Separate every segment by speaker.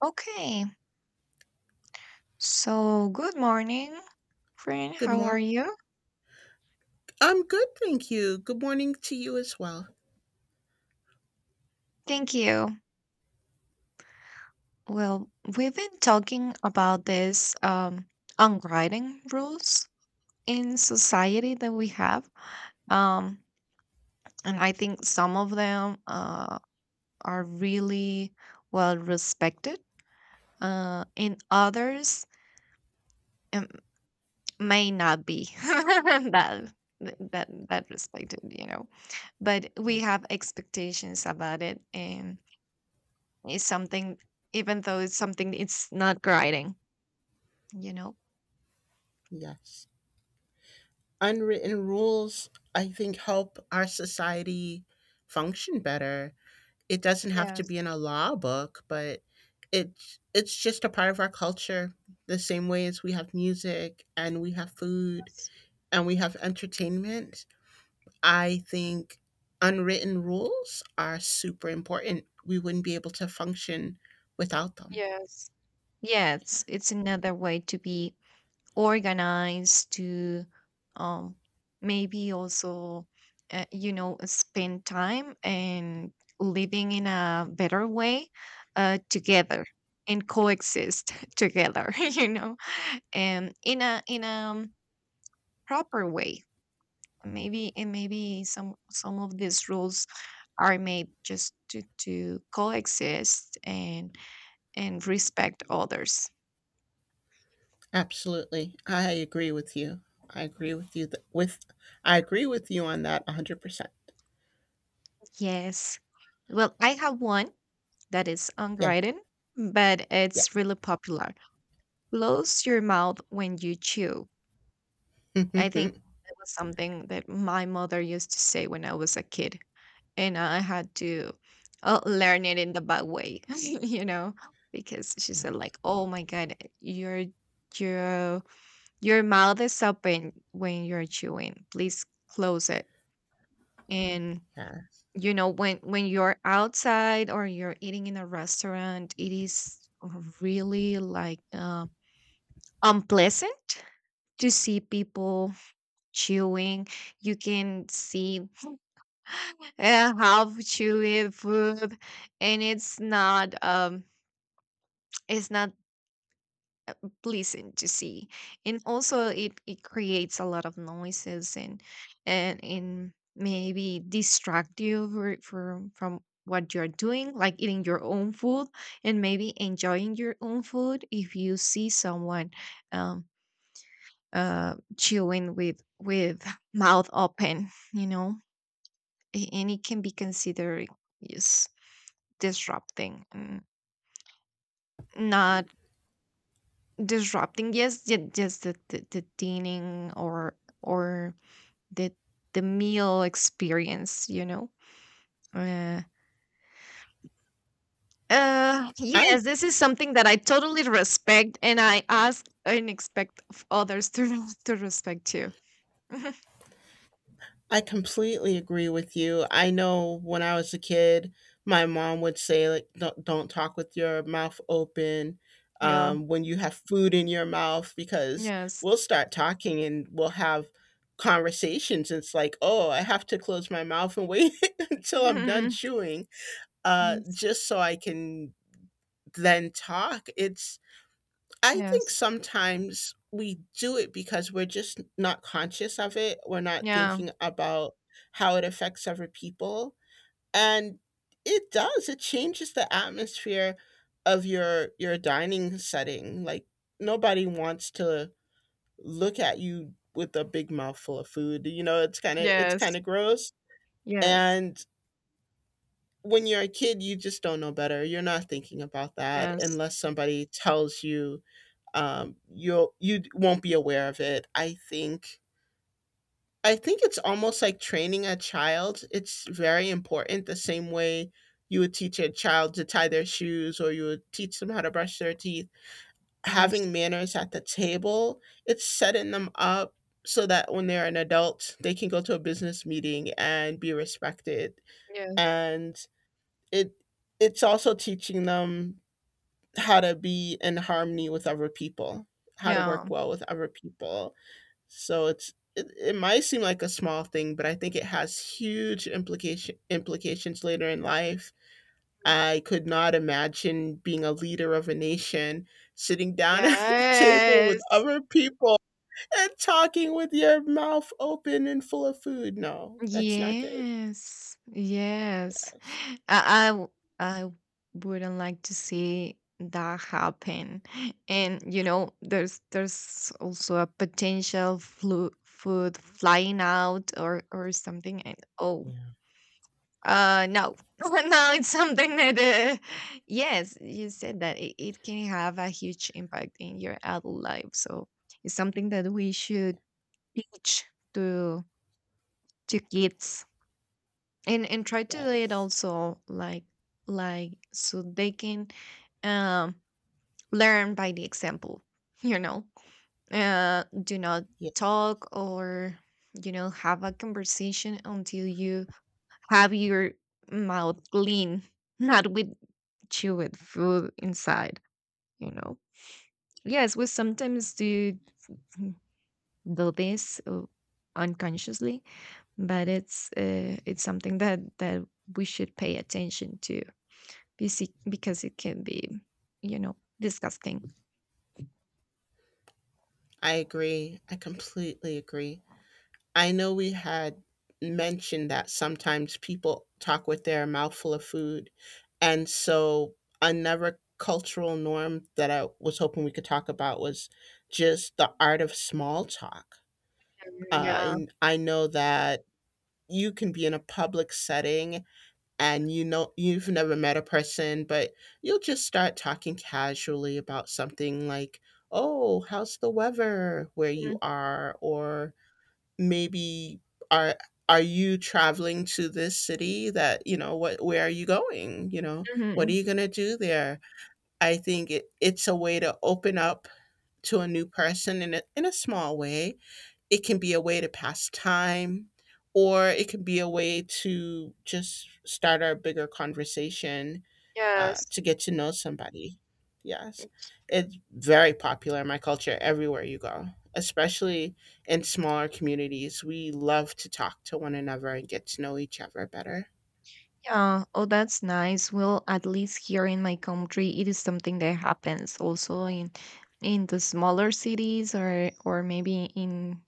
Speaker 1: Okay, so good morning, friend.
Speaker 2: Good
Speaker 1: How are
Speaker 2: morning.
Speaker 1: you?
Speaker 2: I'm good, thank you. Good morning to you as well.
Speaker 1: Thank you. Well, we've been talking about this unwriting rules in society that we have, um, and I think some of them are really well respected, and others um, may not be that that respected, you know. But
Speaker 2: Yeah.
Speaker 1: we have expectations about it, and it's something. Even though it's something, it's not grinding, you know?
Speaker 2: Yes. Unwritten rules, I think, help our society function better. It doesn't have to
Speaker 1: Yes.
Speaker 2: be in a law book, but it's just a part of our culture. The same way as we have music and we have food
Speaker 1: Yes.
Speaker 2: and we have entertainment. I think unwritten rules are super important. We wouldn't be able to function without them.
Speaker 1: Yes. Yeah, it's another way to be organized, to um maybe also you know, spend time and living in a better way together, and coexist together, you know, and in a proper way. Maybe some of these rules are made just to coexist and respect others.
Speaker 2: Absolutely. I agree with you. I agree with you th- with I agree with you on that 100%.
Speaker 1: Yes. Well, I have one that is
Speaker 2: Yeah.
Speaker 1: unwritten, but
Speaker 2: Yeah.
Speaker 1: it's really popular. Close your mouth when you chew. I think that was something that my mother used to say when I was a kid, and I had to learn it in the bad way, you know, because she said
Speaker 2: Yes.
Speaker 1: like, "Oh my God, your your mouth is open when you're chewing. Please close it." And
Speaker 2: Yes.
Speaker 1: you know, when you're outside or you're eating in a restaurant, it is really like unpleasant to see people chewing. You can see how to live food, and it's not uh, pleasant to see. And also, it creates a lot of noises and and maybe distract you for, from what you're doing, like eating your own food, and maybe enjoying your own food if you see someone um chewing with mouth open, you know. And it can be considered, yes. Disrupting, not disrupting. Yes, just the dining or the the meal experience. You know. Uh,
Speaker 2: I
Speaker 1: yes, this is something that I totally respect, and I ask and expect of others to to respect too.
Speaker 2: I completely agree with you. I know when I was a kid, my mom would say like don't talk with your mouth open
Speaker 1: Yeah.
Speaker 2: when you have food in your mouth because
Speaker 1: Yes.
Speaker 2: we'll start talking and we'll have conversations. It's like, oh, I have to close my mouth and wait until I'm done chewing
Speaker 1: Yes.
Speaker 2: just so I can then talk. I think
Speaker 1: Yes.
Speaker 2: sometimes we do it because we're just not conscious of it. We're not
Speaker 1: Yeah.
Speaker 2: thinking about how it affects other people. And it does, it changes the atmosphere of your dining setting. Like nobody wants to look at you with a big mouthful of food. You know, it's
Speaker 1: Yes.
Speaker 2: kind of gross.
Speaker 1: Yes.
Speaker 2: And when you're a kid, you just don't know better. You're not thinking about that
Speaker 1: Yes.
Speaker 2: unless somebody tells you. You'll you won't be aware of it. I think it's almost like training a child. It's very important. The same way you would teach a child to tie their shoes or you would teach them how to brush their teeth.
Speaker 1: Yes.
Speaker 2: Having manners at the table, it's setting them up so that when they're an adult, they can go to a business meeting and be respected
Speaker 1: Yes.
Speaker 2: and it it's also teaching them how to be in harmony with other people, how to work
Speaker 1: Yeah.
Speaker 2: well with other people. So it might seem like a small thing, but I think it has huge implications later in life. I could not imagine being a leader of a nation, sitting down at a table with
Speaker 1: Yes.
Speaker 2: other people and talking with your mouth open and full of food. No, that's not good.
Speaker 1: Yes, yes.
Speaker 2: Yes.
Speaker 1: I, I w- I wouldn't like to see that happen. And you know, there's also a potential flu food flying out or something. And oh,
Speaker 2: Yeah.
Speaker 1: no, no, it's something that yes, you said that it can have a huge impact in your adult life. So it's something that we should teach to to kids, and try to do it
Speaker 2: Yes.
Speaker 1: also like so they can um learn by the example. You know, do not talk, or you know, have a conversation until you have your mouth clean, not with chewed food inside, you know. Yes, we sometimes do, mm, do this unconsciously, but it's something that that we should pay attention to. Besi Because it can be, you know, disgusting.
Speaker 2: I agree. I completely agree. I know we had mentioned that sometimes people talk with their mouth full of food. And so another cultural norm that I was hoping we could talk about was just the art of small talk.
Speaker 1: Yeah.
Speaker 2: And I know that you can be in a public setting and you know you've never met a person but you'll just start talking casually about something like oh how's the weather where you are or maybe are are you traveling to this city that what where are you going, you know,
Speaker 1: Mhm,
Speaker 2: what are
Speaker 1: mhm,
Speaker 2: you going to do there? I think it's a way to open up to a new person in in a small way. It can be a way to pass time, or it can be a way to just start a bigger conversation
Speaker 1: yes.
Speaker 2: to get to know somebody. Yes, it's very popular in my culture everywhere you go, especially in smaller communities. We love to talk to one another and get to know each other better.
Speaker 1: Yeah. Oh, that's nice. Well, at least here in my country, it is something that happens also in the smaller cities or maybe in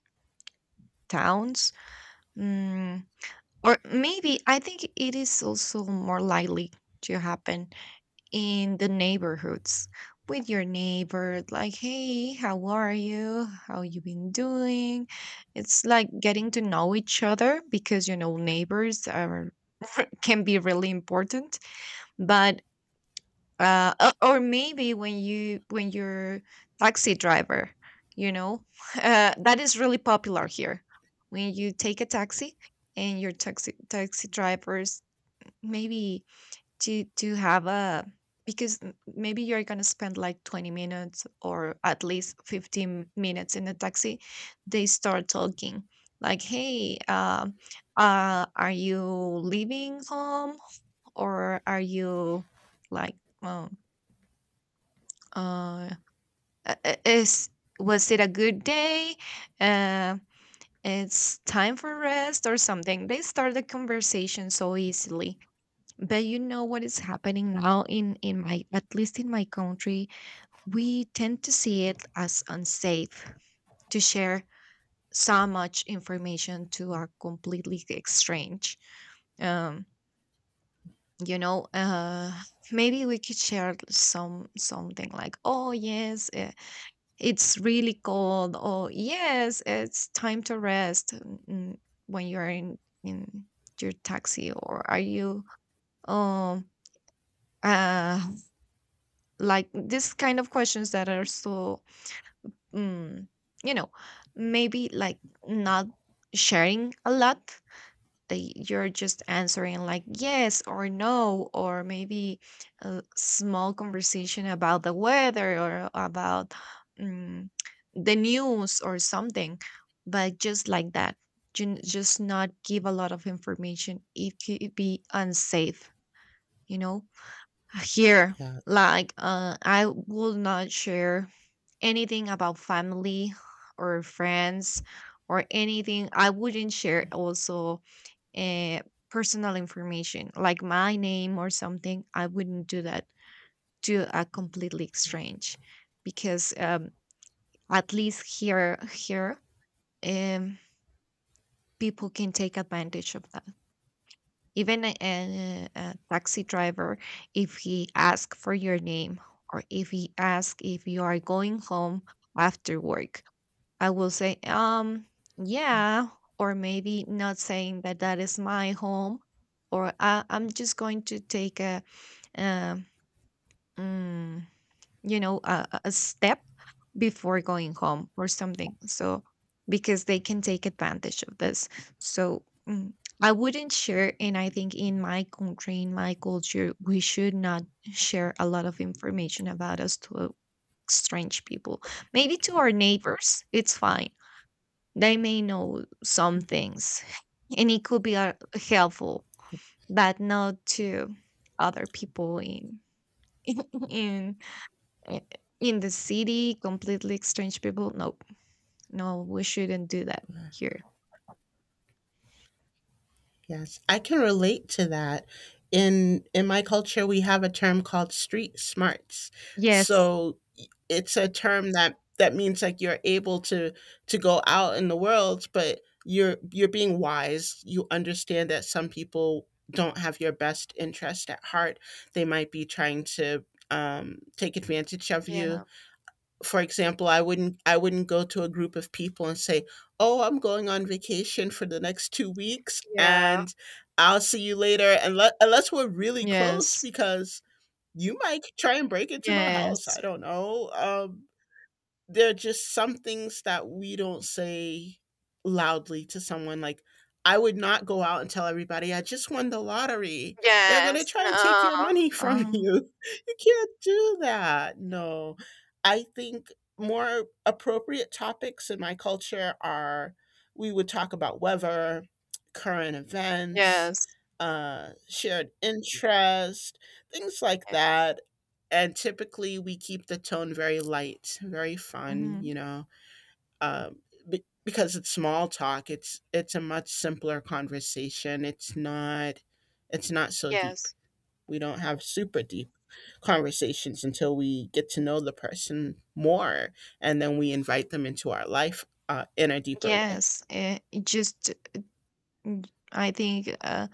Speaker 1: towns. Mm, or maybe I think it is also more likely to happen in the neighborhoods with your neighbor, like, hey, how are you, how you been doing? It's like getting to know each other, because you know, neighbors are can be really important. But or maybe when you when you're taxi driver, you know, that is really popular here. When you take a taxi and your taxi drivers, maybe to have a, because maybe you're going to spend like 20 minutes or at least 15 minutes in the taxi, they start talking, like, hey, are you leaving home or are you like, well, uh is, was it a good day, uh, it's time for rest or something. They start the conversation so easily. But you know what is happening now in my, at least in my country, we tend to see it as unsafe to share so much information to a completely strange, um you know uh maybe we could share some something, like, oh yes, it's really cold, or yes, it's time to rest, when you're in your taxi, or are you um uh like this kind of questions that are so mm, you know, maybe, like, not sharing a lot, that you're just answering like yes or no, or maybe a small conversation about the weather or about, mm, the news or something. But just like that, just not give a lot of information, it could be unsafe, you know, here,
Speaker 2: Yes.
Speaker 1: like, I will not share anything about family or friends or anything. I wouldn't share also uh, personal information like my name or something. I wouldn't do that to a completely strange, because at least here, um, people can take advantage of that. Even a taxi driver, if he asks for your name, or if he asks if you are going home after work, I will say, yeah, or maybe not saying that that is my home, or I'm just going to take a, um, mm, you know, a step before going home or something. So, because they can take advantage of this. So, I wouldn't share. And I think in my country, in my culture, we should not share a lot of information about us to strange people. Maybe to our neighbors, it's fine. They may know some things, and it could be helpful, but not to other people in in eh, in the city, completely strange people, no, no, we shouldn't do that here.
Speaker 2: Yes, I can relate to that. In my culture, we have a term called street smarts.
Speaker 1: Yes.
Speaker 2: So it's a term that means like you're able to go out in the world, but you're being wise. You understand that some people don't have your best interest at heart. They might be trying to take advantage of you.
Speaker 1: Yeah.
Speaker 2: For example, I wouldn't go to a group of people and say, oh, I'm going on vacation for the next 2 weeks
Speaker 1: Yeah.
Speaker 2: and I'll see you later, unless we're really close,
Speaker 1: Yes.
Speaker 2: because you might try and break into my house. I
Speaker 1: Yes.
Speaker 2: don't know. There are just some things that we don't say loudly to someone. Like, I would not go out and tell everybody, I just won the lottery. They're going to
Speaker 1: Yes.
Speaker 2: try and take
Speaker 1: No.
Speaker 2: your money from
Speaker 1: Um.
Speaker 2: you. You can't do that. No. I think more appropriate topics in my culture are we would talk about weather, current events,
Speaker 1: Yes.
Speaker 2: shared interest, things like
Speaker 1: Yeah.
Speaker 2: that, and typically we keep the tone very light, very fun, you
Speaker 1: Mhm.
Speaker 2: know. um, because it's small talk, it's a much simpler conversation. It's not so deep.
Speaker 1: Yes.
Speaker 2: We don't have super deep conversations until we get to know the person more, and then we invite them into our life in a deeper way.
Speaker 1: Yes. It just, I think,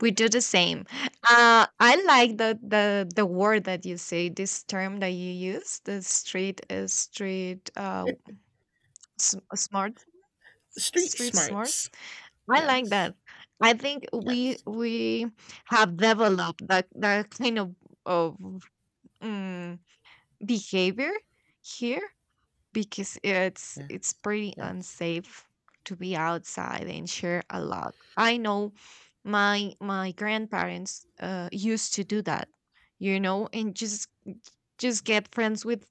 Speaker 1: we do the same. I like the word that you say. This term that you use, the street, street, smart,
Speaker 2: Street
Speaker 1: street
Speaker 2: smarts.
Speaker 1: smarts. I like
Speaker 2: Yes.
Speaker 1: that. I think we
Speaker 2: Yes.
Speaker 1: we have developed that that kind of, mm, behavior here, because
Speaker 2: Yeah.
Speaker 1: it's pretty
Speaker 2: Yes.
Speaker 1: unsafe to be outside and share a lot. I know my grandparents used to do that, you know, and just get friends with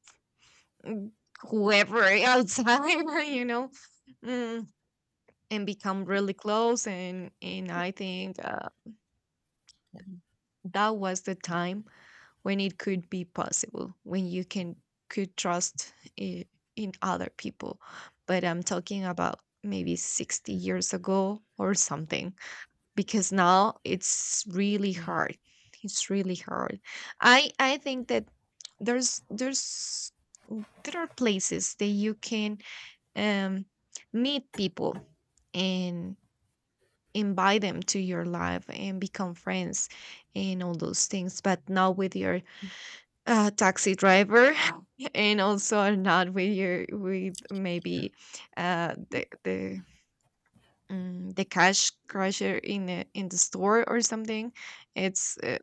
Speaker 1: mm, whoever outside, you know, mm, and become really close. And I think. That was the time when it could be possible, when you can could trust i- in other people. But I'm talking about maybe 60 years ago or something, because now it's really
Speaker 2: Yeah.
Speaker 1: hard, it's really hard. I think that there's there's there are places that you can um meet people and invite them to your life and become friends and all those things, but not with your taxi driver, and also not with your, with maybe uh, the the the cash crusher in the store or something. It's uh,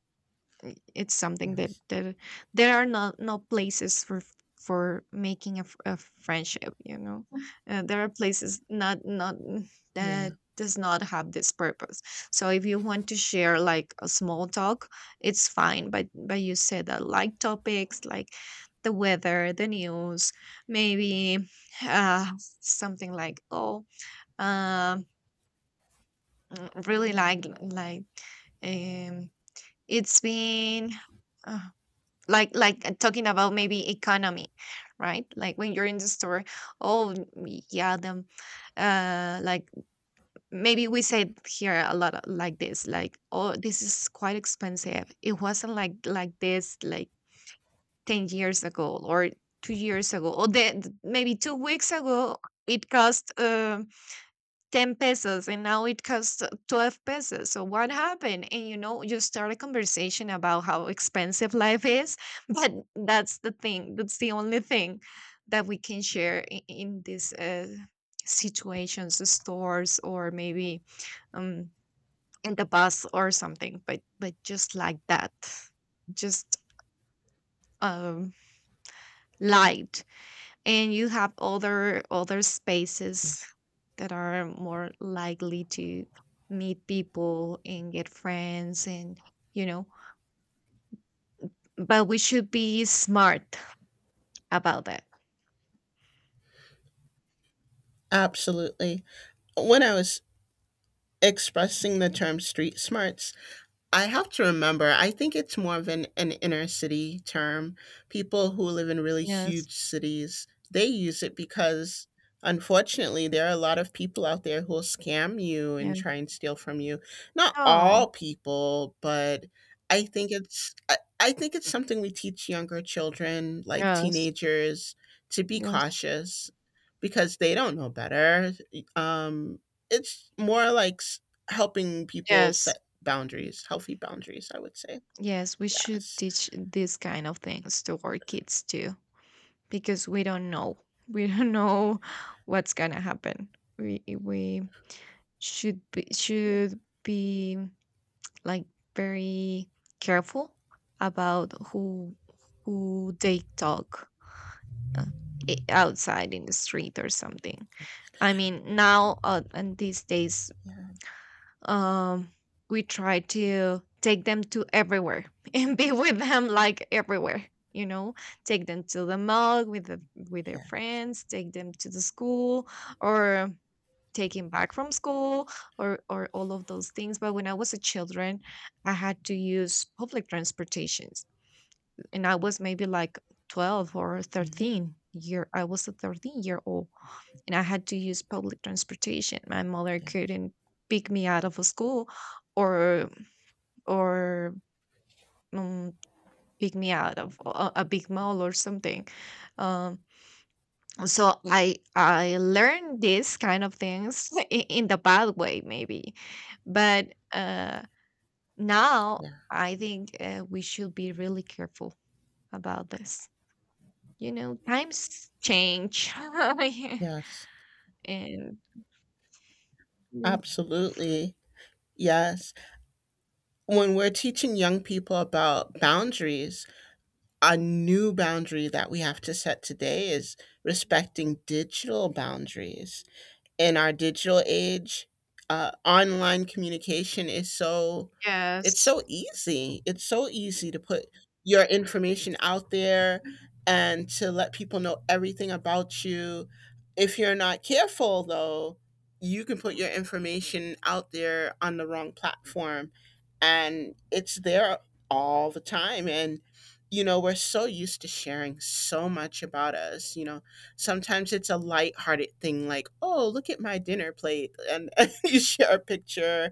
Speaker 1: i- it's something that,
Speaker 2: Yes.
Speaker 1: that there are no, no places for making a, a friendship, you know. Uh, there are places, not not
Speaker 2: Yeah,
Speaker 1: that does not have this purpose. So if you want to share like a small talk, it's fine, but you said that, like, topics like the weather, the news, maybe uh something, like, oh, um really like um it's been uh, like talking about maybe economy, right, like when you're in the store, oh, yeah, them, like, maybe we said here a lot of- like this, like, oh, this is quite expensive, it wasn't like this like 10 years ago or 2 years ago or the, maybe 2 weeks ago, it cost 10 pesos and now it costs 12 pesos. So what happened? And you know, you start a conversation about how expensive life is, but that's the thing. That's the only thing that we can share in these situations, the stores, or maybe um, in the bus or something. But just like that, just um, light. And you have other other
Speaker 2: yeah.
Speaker 1: spaces that are more likely to meet people and get friends and you know, but we should be smart about that.
Speaker 2: Absolutely. When I was expressing the term street smarts, I have to remember, I think it's more of an, inner city term. People who live in really
Speaker 1: Yes.
Speaker 2: huge cities, they use it because unfortunately there are a lot of people out there who will scam you and
Speaker 1: Yeah.
Speaker 2: try and steal from you. Not
Speaker 1: Oh.
Speaker 2: all people, but I think it's something we teach younger children, like
Speaker 1: Yes.
Speaker 2: teenagers, to be
Speaker 1: Yes.
Speaker 2: cautious because they don't know better. Um, it's more like helping people
Speaker 1: Yes.
Speaker 2: boundaries, healthy boundaries, I would say.
Speaker 1: Yes, we should
Speaker 2: Yes.
Speaker 1: teach these kind of things to our kids too, because we don't know. We don't know what's gonna happen. We should be,
Speaker 2: Yeah.
Speaker 1: should be like very careful about who they talk uh, outside in the street or something. I mean, now and these days
Speaker 2: Yeah.
Speaker 1: um we try to take them to everywhere and be with them like everywhere, you know take them to the mall with their
Speaker 2: Yeah.
Speaker 1: friends, take them to the school, or take him back from school, or all of those things. But when I was a children, I had to use public transportations, and I was maybe like 12 or
Speaker 2: Mhm.
Speaker 1: 13 year. I was a 13-year old, and I had to use public transportation. My mother
Speaker 2: Yeah.
Speaker 1: couldn't pick me out of a school, or or um, pick me out of a big mall or something. Um, so I learned these kind of things, in the bad way maybe, but now
Speaker 2: Yeah.
Speaker 1: I think, we should be really careful about this. You know, times change,
Speaker 2: Yes.
Speaker 1: and yeah.
Speaker 2: Absolutely. Yes. When we're teaching young people about boundaries, a new boundary that we have to set today is respecting digital boundaries. In our digital age, online communication is so it's
Speaker 1: Yes.
Speaker 2: so easy. It's so easy to put your information out there and to let people know everything about you. If you're not careful though, you can put your information out there on the wrong platform and it's there all the time, and you know, we're so used to sharing so much about us, you know, sometimes it's a lighthearted thing like, "Oh, look at my dinner plate," and, and you share a picture, and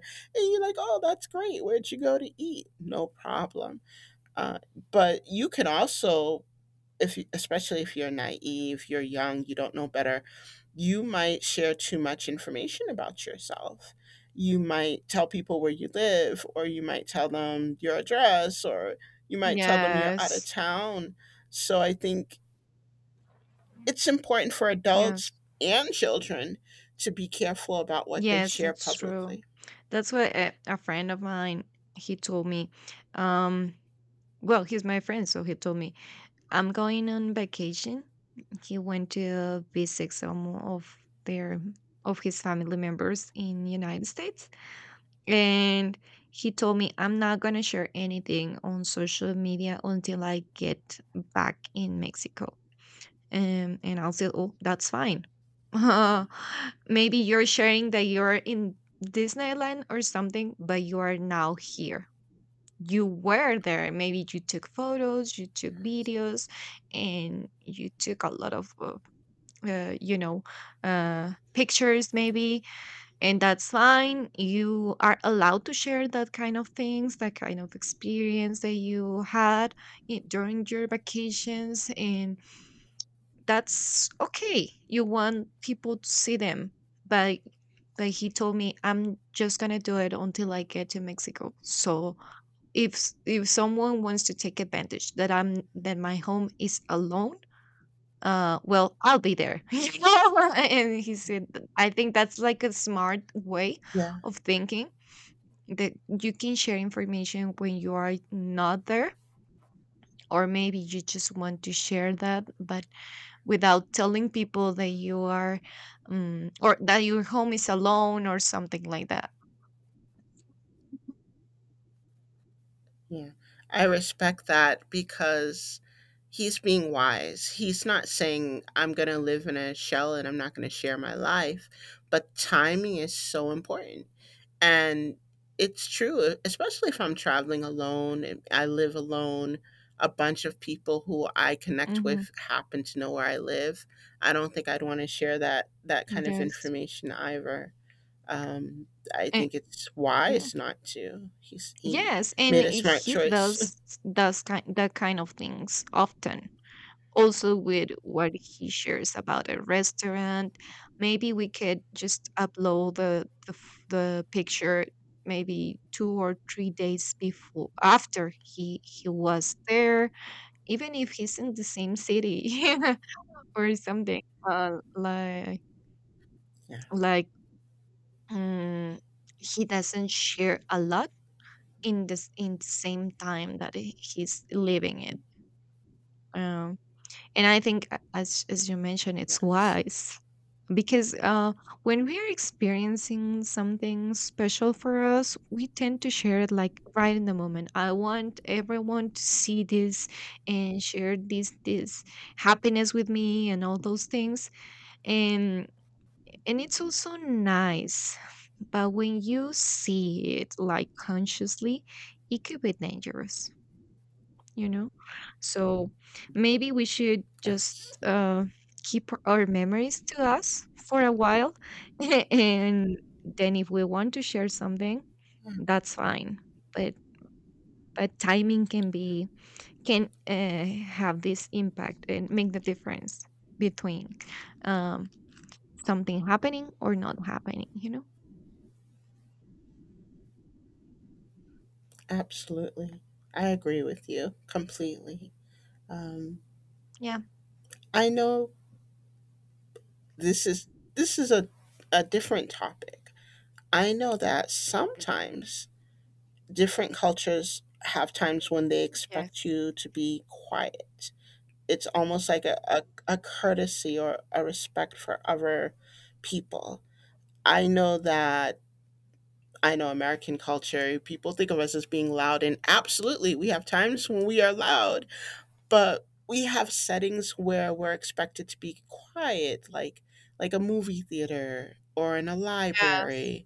Speaker 2: you're like, "Oh, that's great. Where'd you go to eat?" No problem. Uh, but you can also, if you, especially if you're naive, you're young, you don't know better, you might share too much information about yourself. You might tell people where you live, or you might tell them your address, or you might tell them you're out of
Speaker 1: Yes.
Speaker 2: town. So I think it's important for adults
Speaker 1: Yes,
Speaker 2: and children to be careful about what they
Speaker 1: Yes,
Speaker 2: share
Speaker 1: that's true.
Speaker 2: publicly.
Speaker 1: That's what a friend of mine, he told me. Um, well, he's my friend, so he told me I'm going on vacation. He went to visit some their of his family members in United States, and he told me I'm not gonna share anything on social media until I get back in Mexico. And I'll say, oh, that's fine. Maybe you're sharing that you're in Disneyland or something, but you are now here. You were there. Maybe you took photos, you took videos, and you took a lot of, uh, you know, pictures, maybe. And that's fine. You are allowed to share that kind of things, that kind of experience that you had during your vacations. And that's okay. You want people to see them, but but he told me I'm just gonna do it until I get to Mexico. So if someone wants to take advantage that my home is alone, well, I'll be there. You know? And he said, I think that's like a smart way
Speaker 2: Yeah,
Speaker 1: of thinking, that you can share information when you are not there, or maybe you just want to share that, but without telling people that you are or that your home is alone or something like that.
Speaker 2: yeah. I respect that because he's being wise. He's not saying, I'm going to live in a shell and I'm not going to share my life. But timing is so important. And it's true, especially if I'm traveling alone and I live alone. A bunch of people who I connect
Speaker 1: Mm-hmm.
Speaker 2: with happen to know where I live. I don't think I'd want to share that kind of
Speaker 1: Yes.
Speaker 2: information either. Um, I
Speaker 1: Eh,
Speaker 2: think it's
Speaker 1: yeah.
Speaker 2: wise not to. He
Speaker 1: Yes, and
Speaker 2: made a smart
Speaker 1: he
Speaker 2: choice.
Speaker 1: does kind that kind of things often. Also with what he shares about a restaurant, maybe we could just upload the picture maybe 2 or 3 days before after he was there, even if he's in the same city. Or something. Uh, like
Speaker 2: Yeah.
Speaker 1: like mm, he doesn't share a lot in the same time that he's living it, um, and I think, as you mentioned, it's
Speaker 2: Yes.
Speaker 1: wise, because when we're experiencing something special for us, we tend to share it like right in the moment. I want everyone to see this and share this happiness with me and all those things, and and it's also nice. But when you see it like consciously, it could be dangerous, you know? So maybe we should just
Speaker 2: Yes.
Speaker 1: uh, keep our memories to us for a while. And then if we want to share something,
Speaker 2: Mm.
Speaker 1: that's fine. But but timing can have this impact and make the difference between um, something happening or not happening. You know?
Speaker 2: Absolutely. I agree with you completely. Um,
Speaker 1: Yeah.
Speaker 2: I know this is this is a different topic. I know that sometimes different cultures have times when they expect
Speaker 1: Yes.
Speaker 2: you to be quiet. It's almost like a courtesy or a respect for other people. I know that I know American culture, people think of us as being loud, and absolutely, we have times when we are loud, but we have settings where we're expected to be quiet, like a movie theater or in a
Speaker 1: Yes.
Speaker 2: library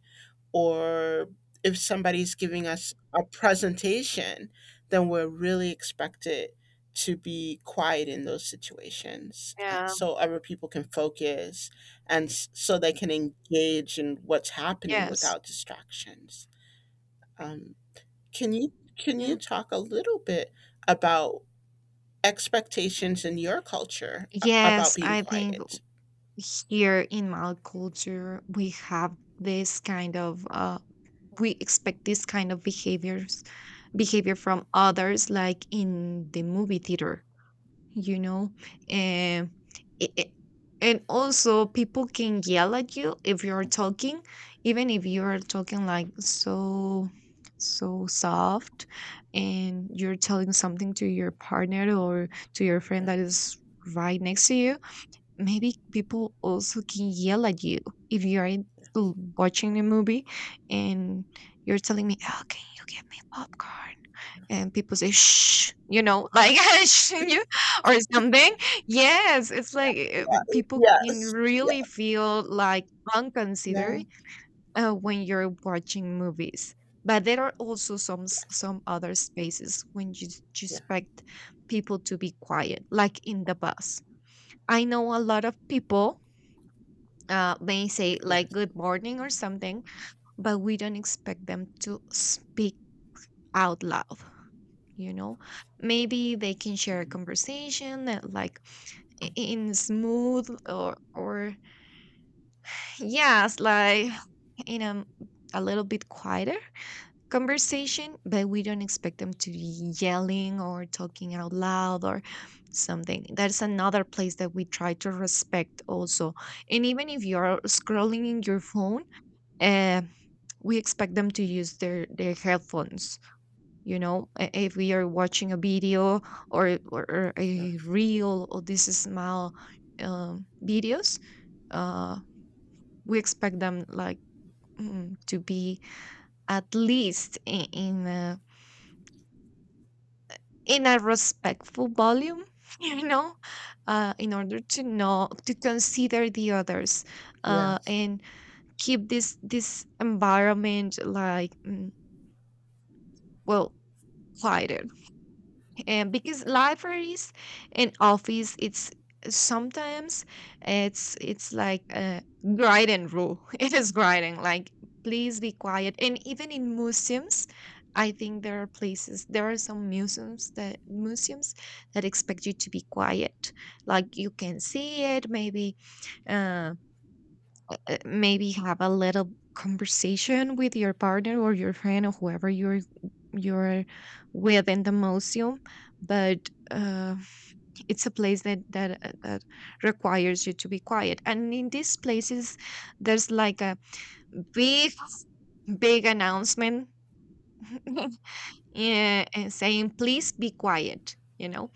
Speaker 2: or if somebody's giving us a presentation, then we're really expected to be quiet in those situations
Speaker 1: Yeah.
Speaker 2: so other people can focus and so they can engage in what's happening
Speaker 1: Yes.
Speaker 2: without distractions. Um, can you can you
Speaker 1: Yeah.
Speaker 2: talk a little bit about expectations in your culture about
Speaker 1: Yes,
Speaker 2: being
Speaker 1: I think,
Speaker 2: quiet?
Speaker 1: here in my culture, we have this kind of, we expect this kind of behavior from others, like in the movie theater, you know and i- i- and also people can yell at you if you're talking, even if you're talking like so soft, and you're telling something to your partner or to your friend that is right next to you. Maybe people also can yell at you if you are watching a movie, and you're telling me, "Oh, can you get me popcorn?" And people say, "Shh," "Shh," you or something. Yes, it's like,
Speaker 2: Yeah.
Speaker 1: people can
Speaker 2: Yes. Yeah.
Speaker 1: really feel like unconsidered
Speaker 2: Yeah.
Speaker 1: when you're watching movies. But there are also some other spaces when you
Speaker 2: Yeah.
Speaker 1: expect people to be quiet, like in the bus. I know a lot of people may say like
Speaker 2: Yes.
Speaker 1: good morning or something, but we don't expect them to speak out loud. You know, maybe they can share a conversation, like in smooth, or yes, like in a little bit quieter conversation. But we don't expect them to be yelling or talking out loud or something. That's another place that we try to respect also. And even if you're scrolling in your phone, uh, we expect them to use their headphones, you know. If we are watching a video, or a
Speaker 2: Yes.
Speaker 1: reel or these small videos, uh, we expect them like, to be at least in a respectful volume, you know in order to know, to consider the others,
Speaker 2: Yes.
Speaker 1: and keep this environment like, well, quieter. And because libraries and office, it's sometimes, it's like a grinding rule. It is grinding, like, please be quiet. And even in museums, I think there are places, there are some museums that expect you to be quiet. Like you can see it, maybe, um maybe have a little conversation with your partner or your friend or whoever you're with in the museum. But it's a place that requires you to be quiet. And in these places, there's like a big big announcement. Yeah, and saying please be quiet,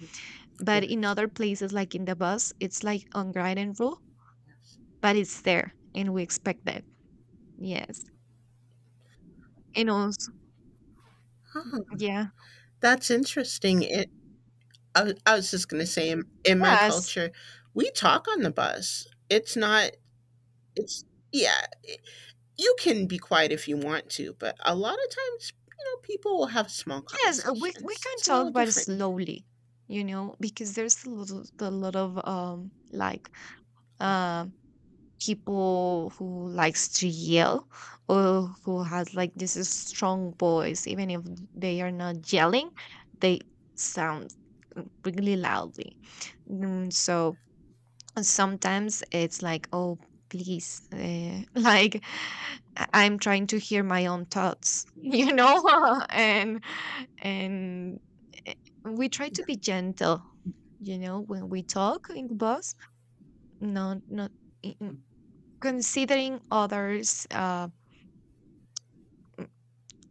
Speaker 1: but in
Speaker 2: Yes.
Speaker 1: other places, like in the bus, it's like unwritten rule,
Speaker 2: Yes.
Speaker 1: but it's there and we expect that. Yes. And also,
Speaker 2: Oh,
Speaker 1: yeah.
Speaker 2: that's interesting. I was just going to say, in my
Speaker 1: Yes,
Speaker 2: culture, we talk on the bus. It's not, it's, Yeah, you can be quiet if you want to, but a lot of times, you know, people will have small
Speaker 1: yes, we
Speaker 2: conversations.
Speaker 1: can
Speaker 2: It's a little
Speaker 1: talk, but
Speaker 2: different here.
Speaker 1: slowly, you know, because there's a lot of like um people who likes to yell, or who has, like, this is strong voice. Even if they are not yelling, they sound really loudly. So, and sometimes it's like, oh, please, like, I'm trying to hear my own thoughts, and and eh, we try to
Speaker 2: Yeah.
Speaker 1: be gentle, when we talk in the bus. Not i- in- considering others'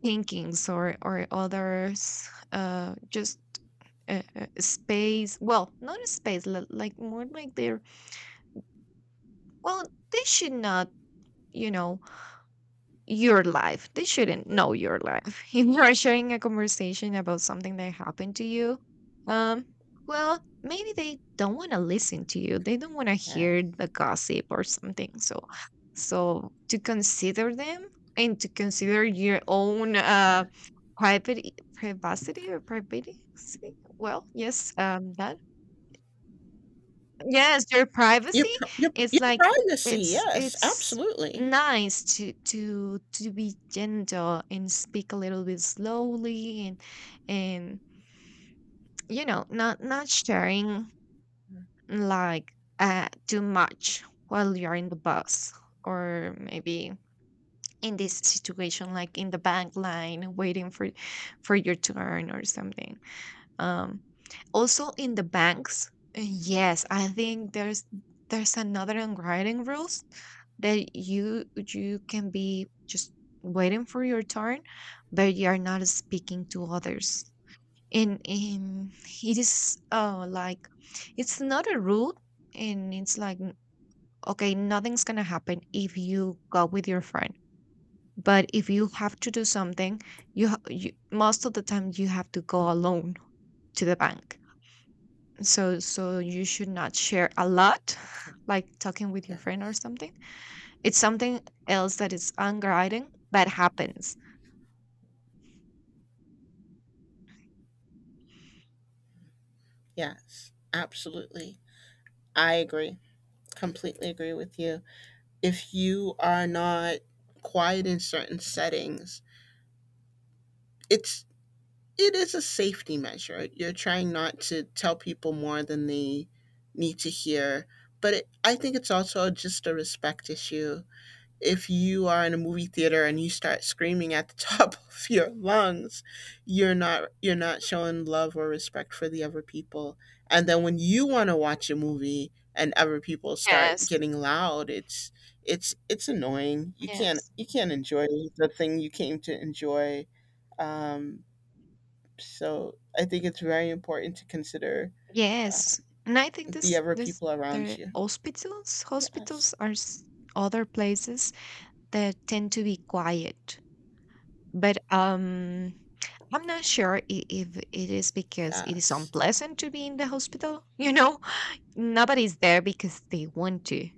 Speaker 1: thinkings, or others' just space. Well, not a space, like, more like their, well, they should not, you know your life. They shouldn't know your life. If you are sharing a conversation about something that happened to you, um, well, maybe they don't want to listen to you. They don't want to
Speaker 2: Yeah.
Speaker 1: hear the gossip or something. So to consider them, and to consider your own,
Speaker 2: Yeah.
Speaker 1: private privacity or privity. Well, yes, that yes, their privacy. It's
Speaker 2: Your
Speaker 1: like,
Speaker 2: privacy.
Speaker 1: it's
Speaker 2: Yes,
Speaker 1: it's
Speaker 2: absolutely.
Speaker 1: nice to be gentle and speak a little bit slowly, and not sharing like too much while you're in the bus, or maybe in this situation, like in the bank line, waiting for your turn or something. Um, Also in the banks, yes, I think there's another unwritten rules, that you can be just waiting for your turn, but you are not speaking to others. And in it is like it's not a rule, and it's like, okay, nothing's gonna happen if you go with your friend. But if you have to do something, you, most of the time, you have to
Speaker 2: Mm.
Speaker 1: go alone to the bank, so you should not share a lot, like talking with your friend or
Speaker 2: Yes.
Speaker 1: something. It's something else that is unguiding that happens.
Speaker 2: Yes, absolutely. I agree. Completely agree with you. If you are not quiet in certain settings, it's it is a safety measure. You're trying not to tell people more than they need to hear, but I think it's also just a respect issue. If you are in a movie theater and you start screaming at the top of your lungs, you're not showing love or respect for the other people. And then when you want to watch a movie and other people start
Speaker 1: Yes.
Speaker 2: getting loud, it's annoying.
Speaker 1: Yes.
Speaker 2: You can't enjoy the thing you came to enjoy. Um, so I think it's very important to consider
Speaker 1: Yes,
Speaker 2: um,
Speaker 1: and I think
Speaker 2: the
Speaker 1: this
Speaker 2: other
Speaker 1: this
Speaker 2: people around
Speaker 1: the
Speaker 2: you.
Speaker 1: hospitals
Speaker 2: Yes.
Speaker 1: hospitals are other places that tend to be quiet. But I'm not sure, if it is because it is
Speaker 2: Yes.
Speaker 1: unpleasant to be in the hospital, nobody's there because they want to.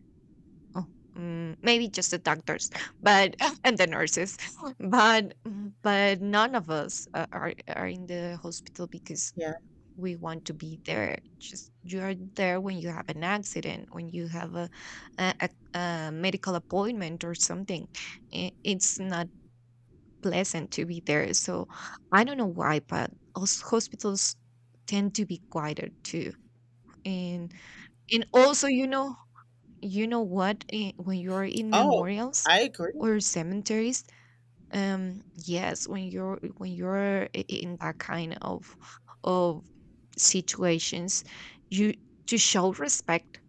Speaker 1: Oh, maybe just the doctors, but and the nurses, but none of us, are in the hospital because
Speaker 2: Yeah.
Speaker 1: we want to be there. Just you are there when you have an accident, when you have a, a medical appointment or something. It's not pleasant to be there. So I don't know why, but hospitals tend to be quieter too, and and also, you know, what, when you're in
Speaker 2: Oh,
Speaker 1: memorials
Speaker 2: I agree.
Speaker 1: or cemeteries, yes, when you're, in that kind of of situations, you, to show respect,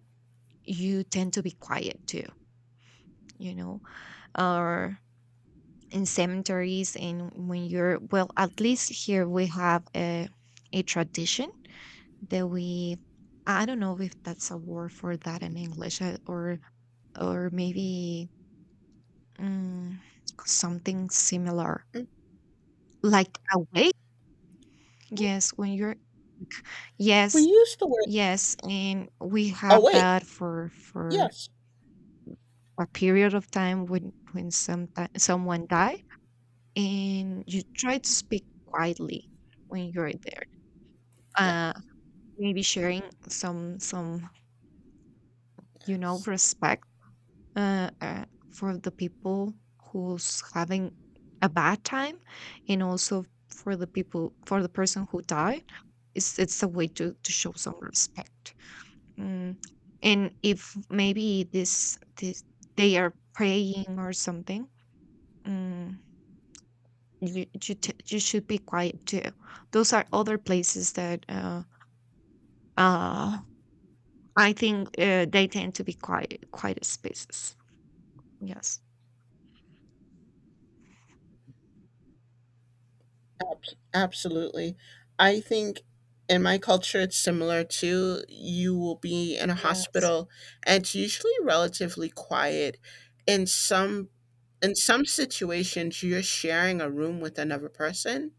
Speaker 1: you tend to be quiet too, you know. Or in cemeteries, and when you're, well, at least here we have a tradition, that we I don't know if that's a word for that in English, or maybe, Mm, something similar.
Speaker 2: Mhm.
Speaker 1: Like awake? Yes, when you're,
Speaker 2: We
Speaker 1: yes,
Speaker 2: use the word.
Speaker 1: yes, and we
Speaker 2: Oh,
Speaker 1: have
Speaker 2: wait.
Speaker 1: that for
Speaker 2: Yes.
Speaker 1: a period of time when someone die, and you try to speak quietly when you're there.
Speaker 2: Yeah.
Speaker 1: Uh Maybe sharing some
Speaker 2: Yes.
Speaker 1: respect, for the people who's having a bad time, and also for the person who died. It's a way to show some respect mm. And if maybe this this they are praying or something. mm, you should be quiet too. Those are
Speaker 2: Yeah.
Speaker 1: other places that uh I think, they tend to be quiet spaces. Yes.
Speaker 2: Ab- absolutely. I think in my culture, it's similar to you will be in a
Speaker 1: Yes.
Speaker 2: hospital and it's usually relatively quiet. In some in some situations, you're sharing a room with another person.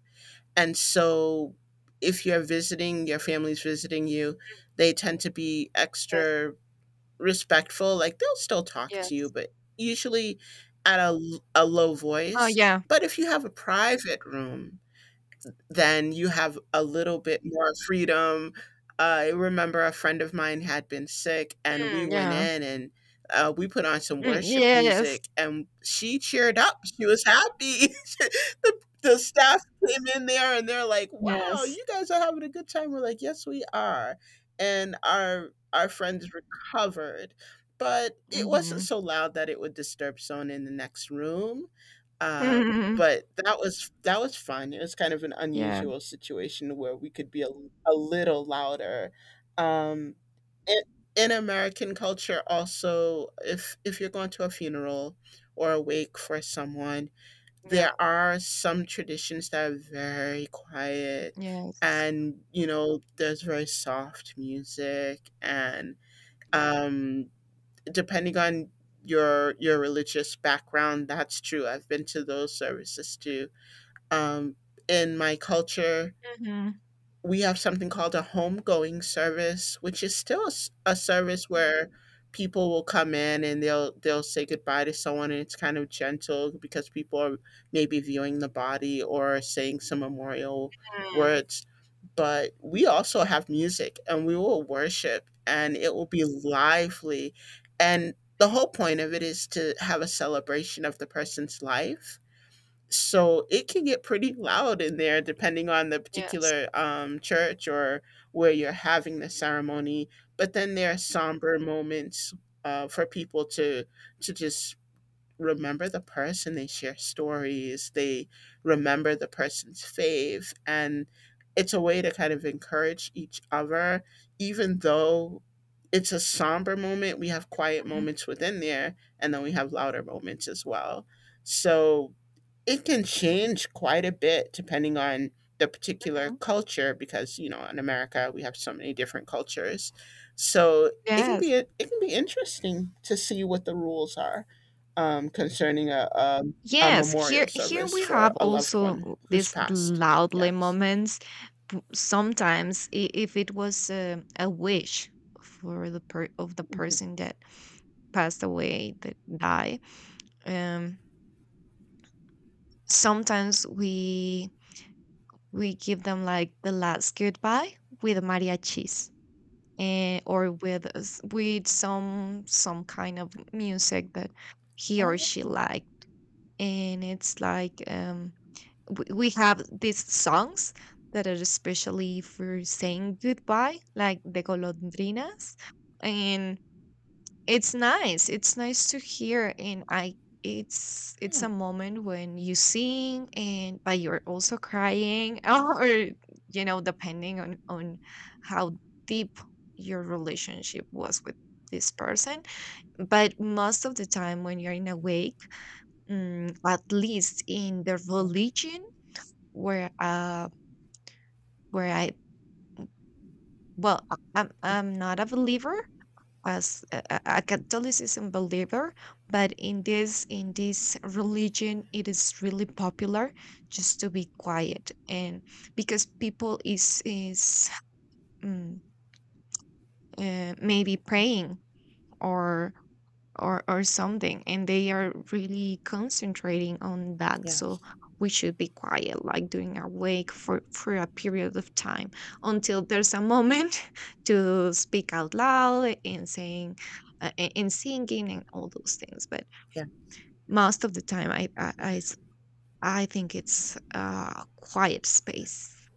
Speaker 2: And so if you're visiting, your family's visiting you, they tend to be
Speaker 1: Yes.
Speaker 2: extra respectful. Like they'll still talk to you,
Speaker 1: Yes.
Speaker 2: but usually at a low
Speaker 1: Oh,
Speaker 2: voice.
Speaker 1: yeah.
Speaker 2: But if you have a private room, then you have a little bit more freedom. I remember a friend of mine had been sick, and we
Speaker 1: Mm,
Speaker 2: went
Speaker 1: yeah.
Speaker 2: in and we put on some
Speaker 1: Mm,
Speaker 2: worship
Speaker 1: yes.
Speaker 2: music, and she cheered up. She was happy. The staff came in there and they're like, "Wow,
Speaker 1: Yes.
Speaker 2: you guys are having a good time." We're like, "Yes, we are," and our friends recovered, but it wasn't
Speaker 1: Mhm.
Speaker 2: so loud that it would disturb someone in the next room. Um,
Speaker 1: Mhm.
Speaker 2: but that was fun. It was kind of an
Speaker 1: Yeah.
Speaker 2: unusual situation where we could be a little louder. Um, in, in American culture, also, if you're going to a funeral or a wake for someone,
Speaker 1: Yeah.
Speaker 2: there are some traditions that are very quiet,
Speaker 1: Yes.
Speaker 2: and you know, there's very soft music, and um, depending on your religious background, that's true. I've been to those services too. um, in my culture,
Speaker 1: Mhm.
Speaker 2: we have something called a homegoing service, which is still a service where people will come in and they'll say goodbye to someone, and it's kind of gentle because people are maybe viewing the body or saying some memorial
Speaker 1: Mm.
Speaker 2: words. But we also have music, and we will worship, and it will be lively, and the whole point of it is to have a celebration of the person's life, so it can get pretty loud in there depending on the
Speaker 1: Yes.
Speaker 2: particular church or where you're having the ceremony. But then there are somber moments for people to just remember the person, they share stories, they remember the person's faith, and it's a way to kind of encourage each other. Even though it's a somber moment, we have quiet
Speaker 1: Mm,
Speaker 2: moments within there, and then we have louder moments as well. So it can change quite a bit depending on the particular
Speaker 1: mhm.
Speaker 2: culture because, you know, in America we have so many different cultures. So it can
Speaker 1: Yes.
Speaker 2: be interesting to see what the rules are, concerning a
Speaker 1: Yes.
Speaker 2: memorial
Speaker 1: Here
Speaker 2: service
Speaker 1: we
Speaker 2: for
Speaker 1: have
Speaker 2: a loved one
Speaker 1: also
Speaker 2: who's
Speaker 1: these
Speaker 2: passed.
Speaker 1: loudly
Speaker 2: Yes.
Speaker 1: moments. Sometimes, if it was a wish for the person
Speaker 2: Mhm.
Speaker 1: that passed away, that died, um, sometimes we give them like the last goodbye with mariachis, and or with some kind of music that he or
Speaker 2: Oh,
Speaker 1: she like. And it's like, we have these songs that are especially for saying goodbye, like the golondrinas, and it's nice. It's nice to hear, and I it's
Speaker 2: yeah.
Speaker 1: a moment when you sing, and but you're also crying. Or, depending on how deep your relationship was with this person. But most of the time when you're in a wake, at least in the
Speaker 2: Yeah.
Speaker 1: religion where uh where I well I- I'm not a believer as a Catholicism believer. But in this religion, it is really popular just to be quiet, and because people is um, maybe praying, or or something, and they are really concentrating on that, so
Speaker 2: Yes.
Speaker 1: we should be quiet, like doing a wake for a period of time, until there's a moment to speak out loud, and saying, and singing, and all those things. But
Speaker 2: Yeah.
Speaker 1: most of the time, i i,
Speaker 2: Yeah.
Speaker 1: I s- I think it's a quiet
Speaker 2: Yeah.
Speaker 1: space.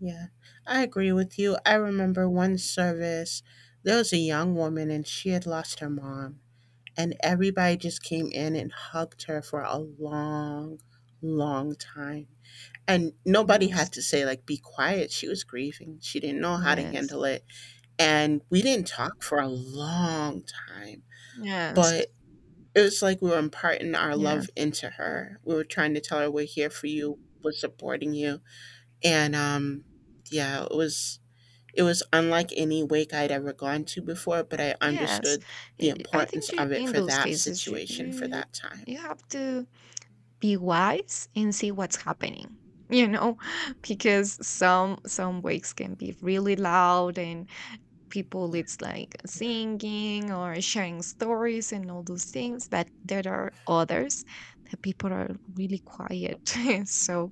Speaker 2: Yeah. I agree with you. I remember one service, there was a young woman and she had lost her mom, and everybody just came in and hugged her for a long time, and nobody had
Speaker 1: Yes,
Speaker 2: to say like be quiet. She was grieving, she didn't know how to
Speaker 1: yes,
Speaker 2: handle it, and we didn't talk for a long time,
Speaker 1: yes,
Speaker 2: but it was like we were imparting our love
Speaker 1: yes,
Speaker 2: into her. We were trying to tell her we're here for you, we're supporting you, and yeah, it was unlike any wake I'd ever gone to before, but I
Speaker 1: yes.
Speaker 2: understood the
Speaker 1: I
Speaker 2: importance
Speaker 1: think you,
Speaker 2: of it
Speaker 1: in
Speaker 2: for
Speaker 1: those
Speaker 2: that
Speaker 1: cases, you,
Speaker 2: situation, for
Speaker 1: you
Speaker 2: that time.
Speaker 1: you have to be wise and see what's happening, you know because some wakes can be really loud, and people,
Speaker 2: Yeah,
Speaker 1: it's like
Speaker 2: yeah,
Speaker 1: singing or sharing stories and all those things, but there are others that people are really quiet. So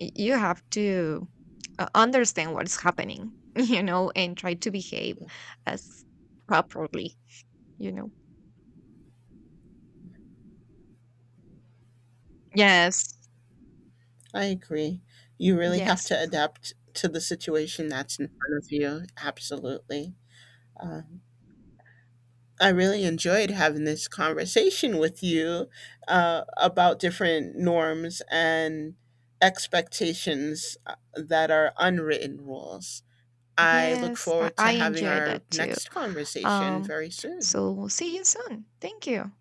Speaker 1: you have to, understand what's happening, and try to behave
Speaker 2: yeah.
Speaker 1: as properly, you know yes,
Speaker 2: I agree. You really have
Speaker 1: yes,
Speaker 2: to adapt to the situation that's in front of you. Absolutely. Um, I really enjoyed having this conversation with you about different norms and expectations that are unwritten rules. I look
Speaker 1: yes, i,
Speaker 2: forward
Speaker 1: I
Speaker 2: to having
Speaker 1: enjoy
Speaker 2: our
Speaker 1: that too.
Speaker 2: next conversation
Speaker 1: Um,
Speaker 2: very soon.
Speaker 1: so see you soon. Thank you.